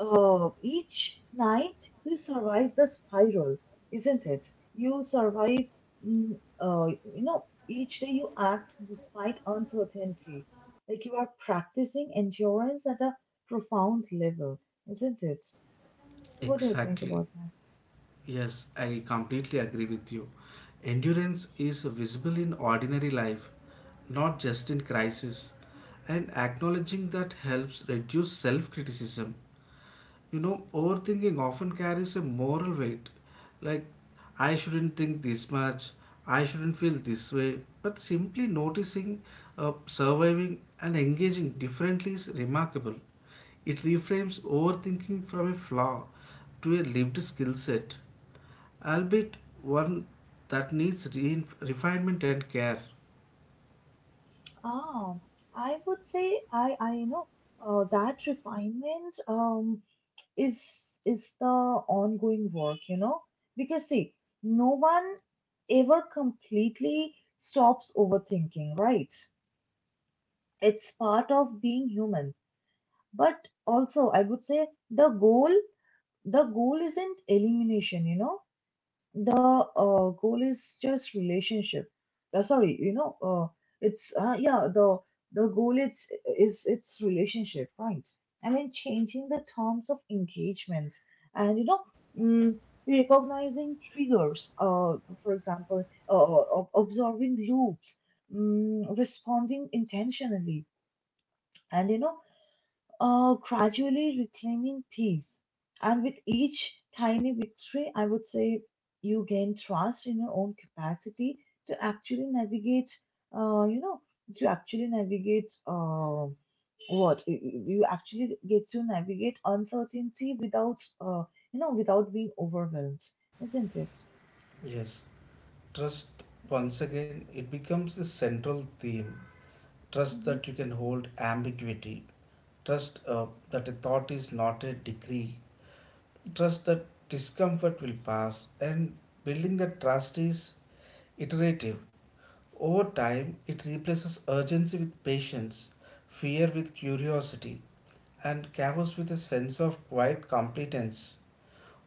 uh each night you survive the spiral, isn't it? You survive. mm, uh you know each day you act despite uncertainty. Like you are practicing endurance at a profound level, isn't it? So what do you think exactly. about that? Yes, I completely agree with you. Endurance is visible in ordinary life, not just in crisis. And acknowledging that helps reduce self criticism. You know, overthinking often carries a moral weight. Like, I shouldn't think this much, I shouldn't feel this way. But simply noticing, uh, surviving, and engaging differently is remarkable. It reframes overthinking from a flaw to a lived skill set albeit one that needs re- refinement and care. Ah, I would say I I you know uh, that refinement um is is the ongoing work, you know, because see, no one ever completely stops overthinking, right? It's part of being human. But also, I would say the goal the goal isn't elimination, you know. The uh, Goal is just relationship. Uh, sorry you know uh, it's uh, yeah the the goal it's is It's relationship, right? I mean, changing the terms of engagement, and, you know, mm, recognizing triggers, uh, for example, uh, uh, ob- observing loops, mm, responding intentionally, and, you know, uh, gradually reclaiming peace. And with each tiny victory, I would say you gain trust in your own capacity to actually navigate, uh, you know, to actually navigate uh, what you you- actually get to navigate uncertainty without, uh, you know, without being overwhelmed, isn't it? Yes, trust once again it becomes a central theme. Trust Hmm. that you can hold ambiguity. Trust uh, that a thought is not a decree. Trust that discomfort will pass. And building that trust is iterative. Over time, it replaces urgency with patience, fear with curiosity, and chaos with a sense of quiet competence.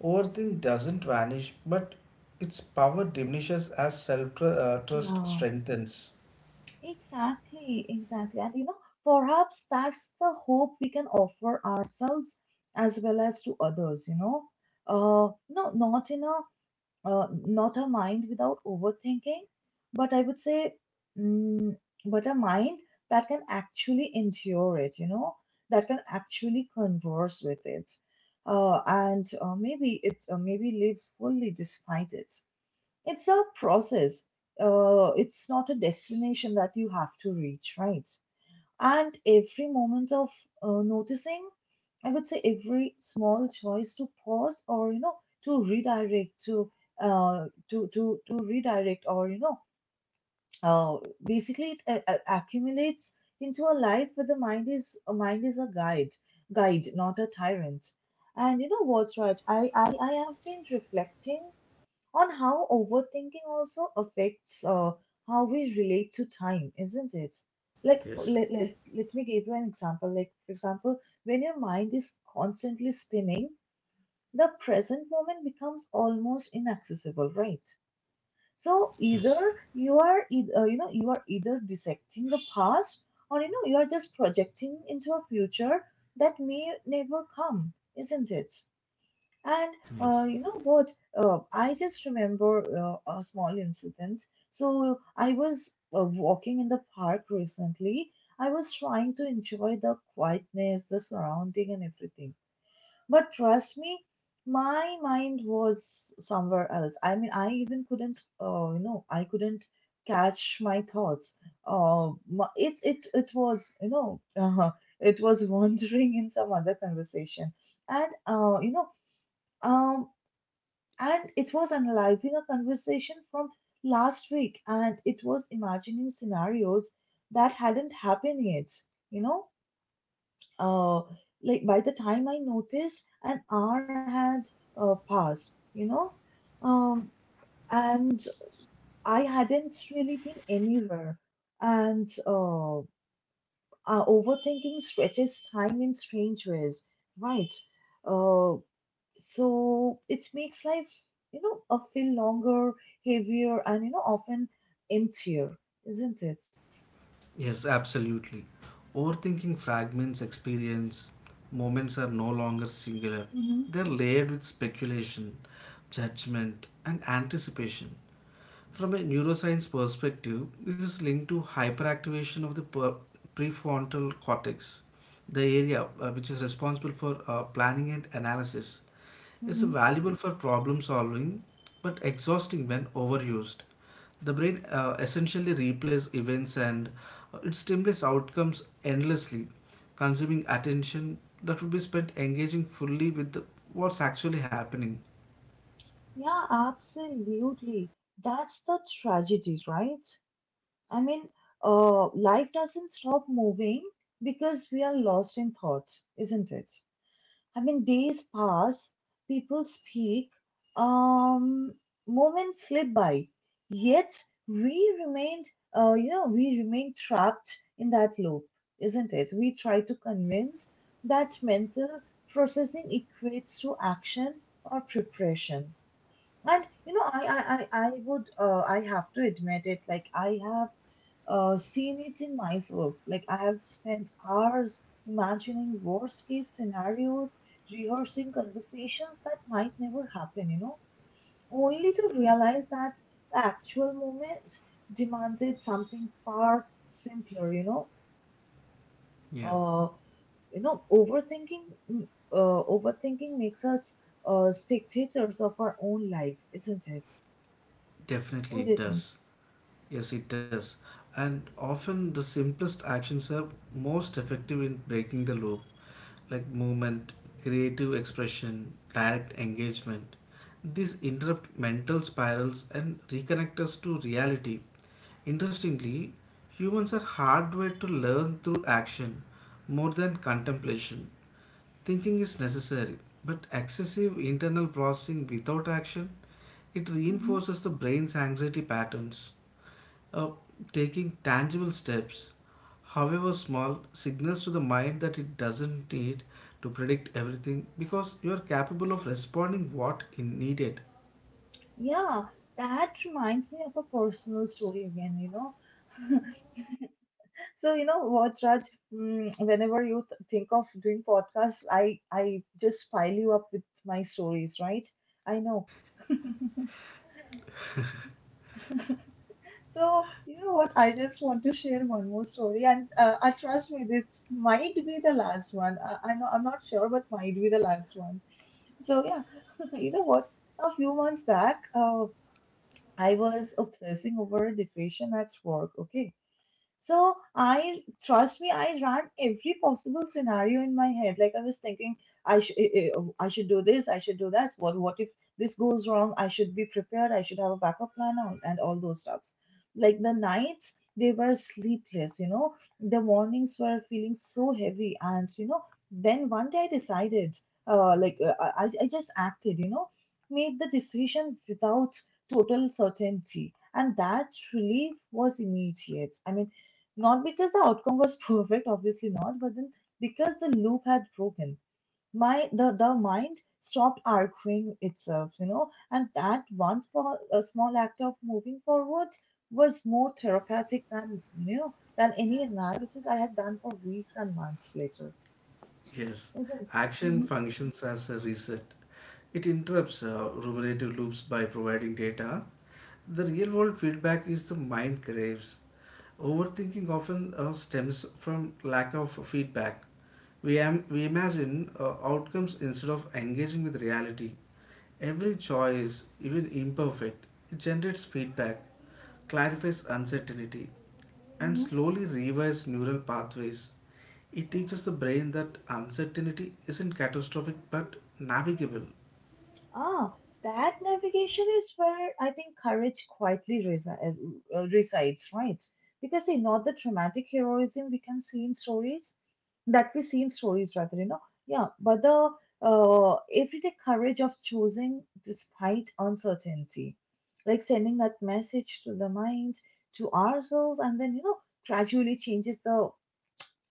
Overthink doesn't vanish, but its power diminishes as self uh, trust Yeah. strengthens. Exactly, exactly. And, you know, perhaps that's the hope we can offer ourselves as well as to others, you know. Uh, no, not in a, uh, not a mind without overthinking, but I would say, mm, but a mind that can actually endure it, you know, that can actually converse with it, uh, and uh, maybe it uh, maybe live fully despite it. It's a process. Uh, it's not a destination that you have to reach, right? And every moment of uh, noticing, I would say every small choice to pause, or, you know, to redirect to uh to to to redirect, or, you know, uh basically it a- a- accumulates into a life where the mind is a mind is a guide, guide not a tyrant. And you know what, Raj, I I I have been reflecting on how overthinking also affects, uh, how we relate to time, isn't it? Like, for, Yes, let, let, let me give you an example. Like, for example, when your mind is constantly spinning, the present moment becomes almost inaccessible, right? So yes, either you are, eith- uh, you know, you are either dissecting the past, or, you know, you are just projecting into a future that may never come, isn't it? And, uh, yes, you know what? Uh, I just remember uh, a small incident. So I was uh, walking in the park recently. I was trying to enjoy the quietness, the surrounding, and everything. But trust me, my mind was somewhere else. I mean, I even couldn't, uh, you know, I couldn't catch my thoughts. Uh, my- it it it was, you know, uh-huh. It was wandering in some other conversation, and uh, you know. Um, and it was analyzing a conversation from last week, and it was imagining scenarios that hadn't happened yet. You know, uh, like by the time I noticed, an hour had uh, passed, you know, um, and I hadn't really been anywhere. And uh, uh, Overthinking stretches time in strange ways, right? Uh, so it makes life, you know uh, feel longer, heavier, and, you know, often emptier, isn't it? yes, absolutely. Overthinking fragments experience. Moments are no longer singular, Hmm. they're layered with speculation, judgment, and anticipation. From a neuroscience perspective, this is linked to hyperactivation of the per- prefrontal cortex, the area uh, which is responsible for uh, planning and analysis. Is Hmm. valuable for problem solving but exhausting when overused. The brain uh, essentially replays events and uh, it stimulates outcomes endlessly, consuming attention that would be spent engaging fully with the, what's actually happening. Yeah, absolutely. That's the tragedy, right? I mean, uh, life doesn't stop moving because we are lost in thought, isn't it? I mean, days pass, people speak, um, moments slip by, yet we remain, uh, you know, we remain trapped in that loop, isn't it? We try to convince that mental processing equates to action or preparation. And, you know, I, I, I, I would, uh, I have to admit it. Like, I have uh, seen it in myself. Like, I have spent hours imagining worst case scenarios, rehearsing conversations that might never happen, you know, only to realize that the actual moment demanded something far simpler, you know. Yeah, Uh, you know, overthinking, mm, uh, Overthinking makes us uh, spectators of our own life, isn't it? definitely What do you it think? does. Yes, it does. And often the simplest actions are most effective in breaking the loop. Like movement, creative expression, direct engagement. These interrupt mental spirals and reconnect us to reality. Interestingly, humans are hardwired to learn through action more than contemplation. Thinking is necessary, but excessive internal processing without action it Mm-hmm. reinforces the brain's anxiety patterns. Uh, Taking tangible steps, however small, signals to the mind that it doesn't need to predict everything because you are capable of responding what is needed. Yeah, that reminds me of a personal story again, you know. So, you know what, Raj, mm, whenever you th- think of doing podcasts, I I just pile you up with my stories, right? I know. So, you know what, I just want to share one more story, and uh, I trust me, this might be the last one. I, I'm not, I'm not sure, but might be the last one. So, yeah, you know what, a few months back, uh, I was obsessing over a decision at work, okay? So, I trust me, I ran every possible scenario in my head. Like, I was thinking, I should I should do this, I should do that. What what if this goes wrong? I should be prepared. I should have a backup plan on, and all those stuffs. Like, the nights they were sleepless. You know, the mornings were feeling so heavy, and, you know, then one day I decided, uh, like uh, I I I just acted. You know, made the decision without total certainty, and that relief was immediate. I mean, not because the outcome was perfect, obviously not, but then because the loop had broken. My the, the mind stopped arguing itself, you know, and that one small, a small act of moving forward was more therapeutic than, you know, than any analysis I had done for weeks and months later, Yes, isn't? It? action Mhm. functions as a reset. It interrupts uh, ruminative loops by providing data. The real world feedback is the mind craves. Overthinking often uh, stems from lack of feedback. We, am, we imagine uh, outcomes instead of engaging with reality. Every choice, even imperfect, it generates feedback, clarifies uncertainty, and Mhm. slowly revives neural pathways. It teaches the brain that uncertainty isn't catastrophic but navigable. Ah, that navigation is where I think courage quietly resi- uh, uh, resides, right? Because, you know, the dramatic heroism we can see in stories, that we see in stories, rather, you know, yeah. But the uh, everyday courage of choosing despite uncertainty, like sending that message to the mind, to ourselves, and then, you know, gradually changes the,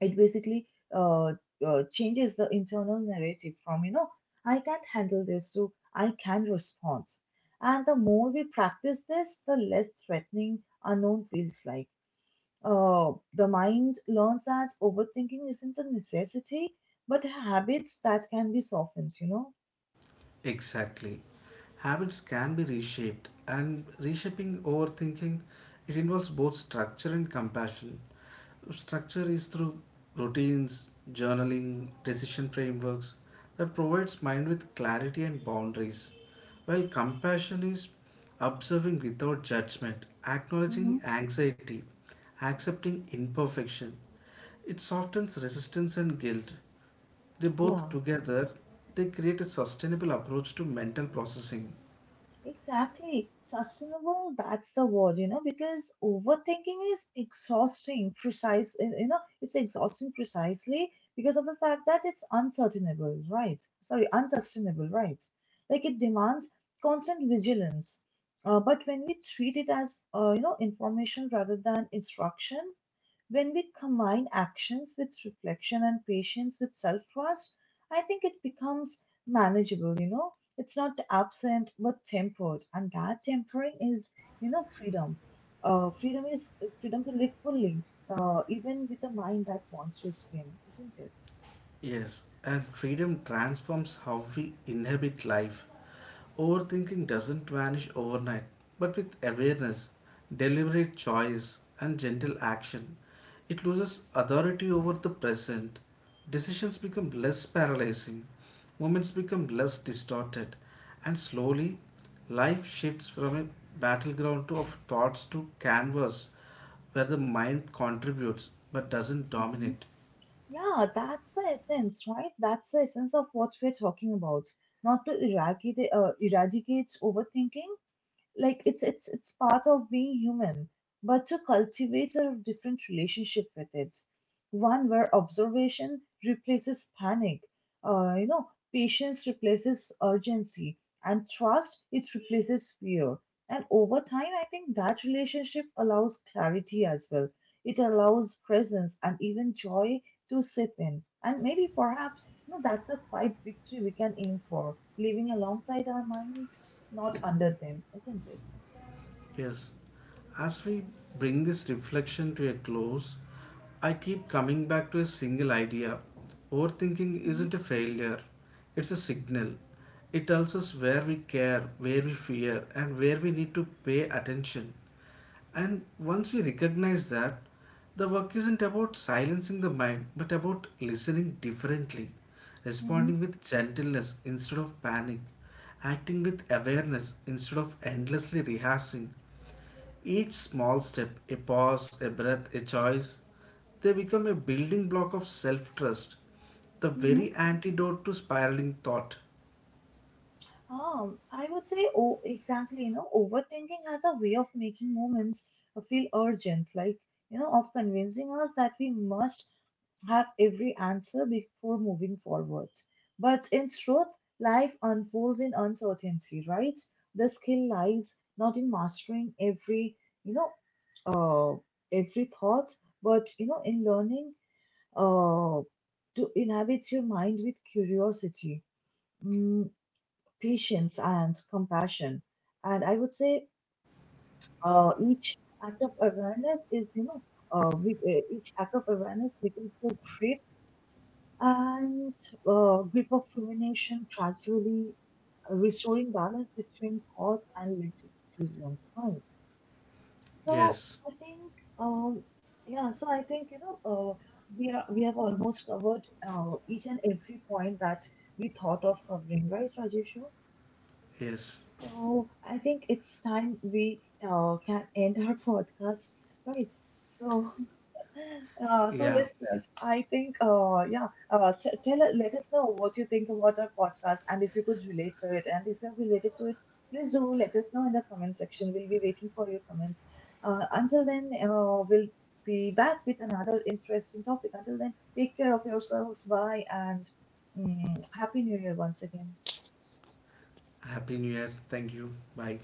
it basically uh, uh, changes the internal narrative from, you know, I can't handle this to I can respond. And the more we practice this, the less threatening unknown feels like. Uh, the mind learns that overthinking isn't a necessity, but a habit that can be softened, you know? Exactly. Habits can be reshaped, and reshaping overthinking it involves both structure and compassion. Structure is through routines, journaling, decision frameworks that provides mind with clarity and boundaries, while compassion is observing without judgment, acknowledging Hmm. anxiety, accepting imperfection. It softens resistance and guilt, they both Yeah. together they create a sustainable approach to mental processing. Exactly. Sustainable, that's the word, you know, because overthinking is exhausting, precise, you know, it's exhausting precisely because of the fact that it's unsustainable, right? Sorry, unsustainable, right? Like, it demands constant vigilance. Uh, but when we treat it as, uh, you know, information rather than instruction, when we combine actions with reflection and patience with self trust, I think it becomes manageable, you know. It's not absent but tempered, and that tempering is, you know, freedom. Uh, freedom is Freedom to live fully, uh, even with a mind that wants to spin, isn't it? Yes, and freedom transforms how we inhabit life. Overthinking doesn't vanish overnight, but with awareness, deliberate choice, and gentle action, it loses authority over the present. Decisions become less paralyzing, moments become less distorted, and slowly, life shifts from a battleground to- of thoughts to canvas where the mind contributes but doesn't Mhm. dominate. Yeah, that's the essence, right? That's the essence of what we're talking about. Not to eradicate, uh, eradicate overthinking, like it's it's it's part of being human, but to cultivate a different relationship with it, one where observation replaces panic, uh, you know patience replaces urgency, and trust, it replaces fear. And over time, I think that relationship allows clarity as well. It allows presence, and even joy, to sip in. And maybe, perhaps, you know, that's a quiet victory we can aim for, living alongside our minds, not under them, isn't it? Yes, as we bring this reflection to a close, I keep coming back to a single idea. Overthinking Mhm, isn't a failure, it's a signal. It tells us where we care, where we fear, and where we need to pay attention. And once we recognize that, the work isn't about silencing the mind, but about listening differently, mhm, responding with gentleness instead of panic, acting with awareness instead of endlessly rehearsing, each small step, a pause, a breath, a choice, they become a building block of self trust, the mhm. very antidote to spiraling thought. Um, I would say, oh, exactly. You know, overthinking has a way of making moments feel urgent, like, you know, of convincing us that we must have every answer before moving forward. But in truth, life unfolds in uncertainty, right? The skill lies not in mastering every, you know, uh, every thought, but, you know, in learning uh, to inhabit your mind with curiosity, mm, patience, and compassion. And I would say uh, each act of awareness is, you know, uh, we, uh, each act of awareness becomes the grip and uh, grip of rumination, gradually uh, restoring balance between thought and lived experience, right? So Yes, I think, um, yeah. So I think, you know, uh, we are we have almost covered uh, each and every point that we thought of covering, right, Rajeshu? yes, So I think it's time we uh, can end our podcast, right? So uh, so, yeah. listeners, I think, uh, yeah, uh, t tell us, let us know what you think about our podcast and if you could relate to it. And if you have related to it, please do let us know in the comment section. We'll be waiting for your comments. Uh, until then, uh, we'll be back with another interesting topic. Until then, take care of yourselves. Bye, and mm, Happy New Year once again. Happy New Year. Thank you. Bye.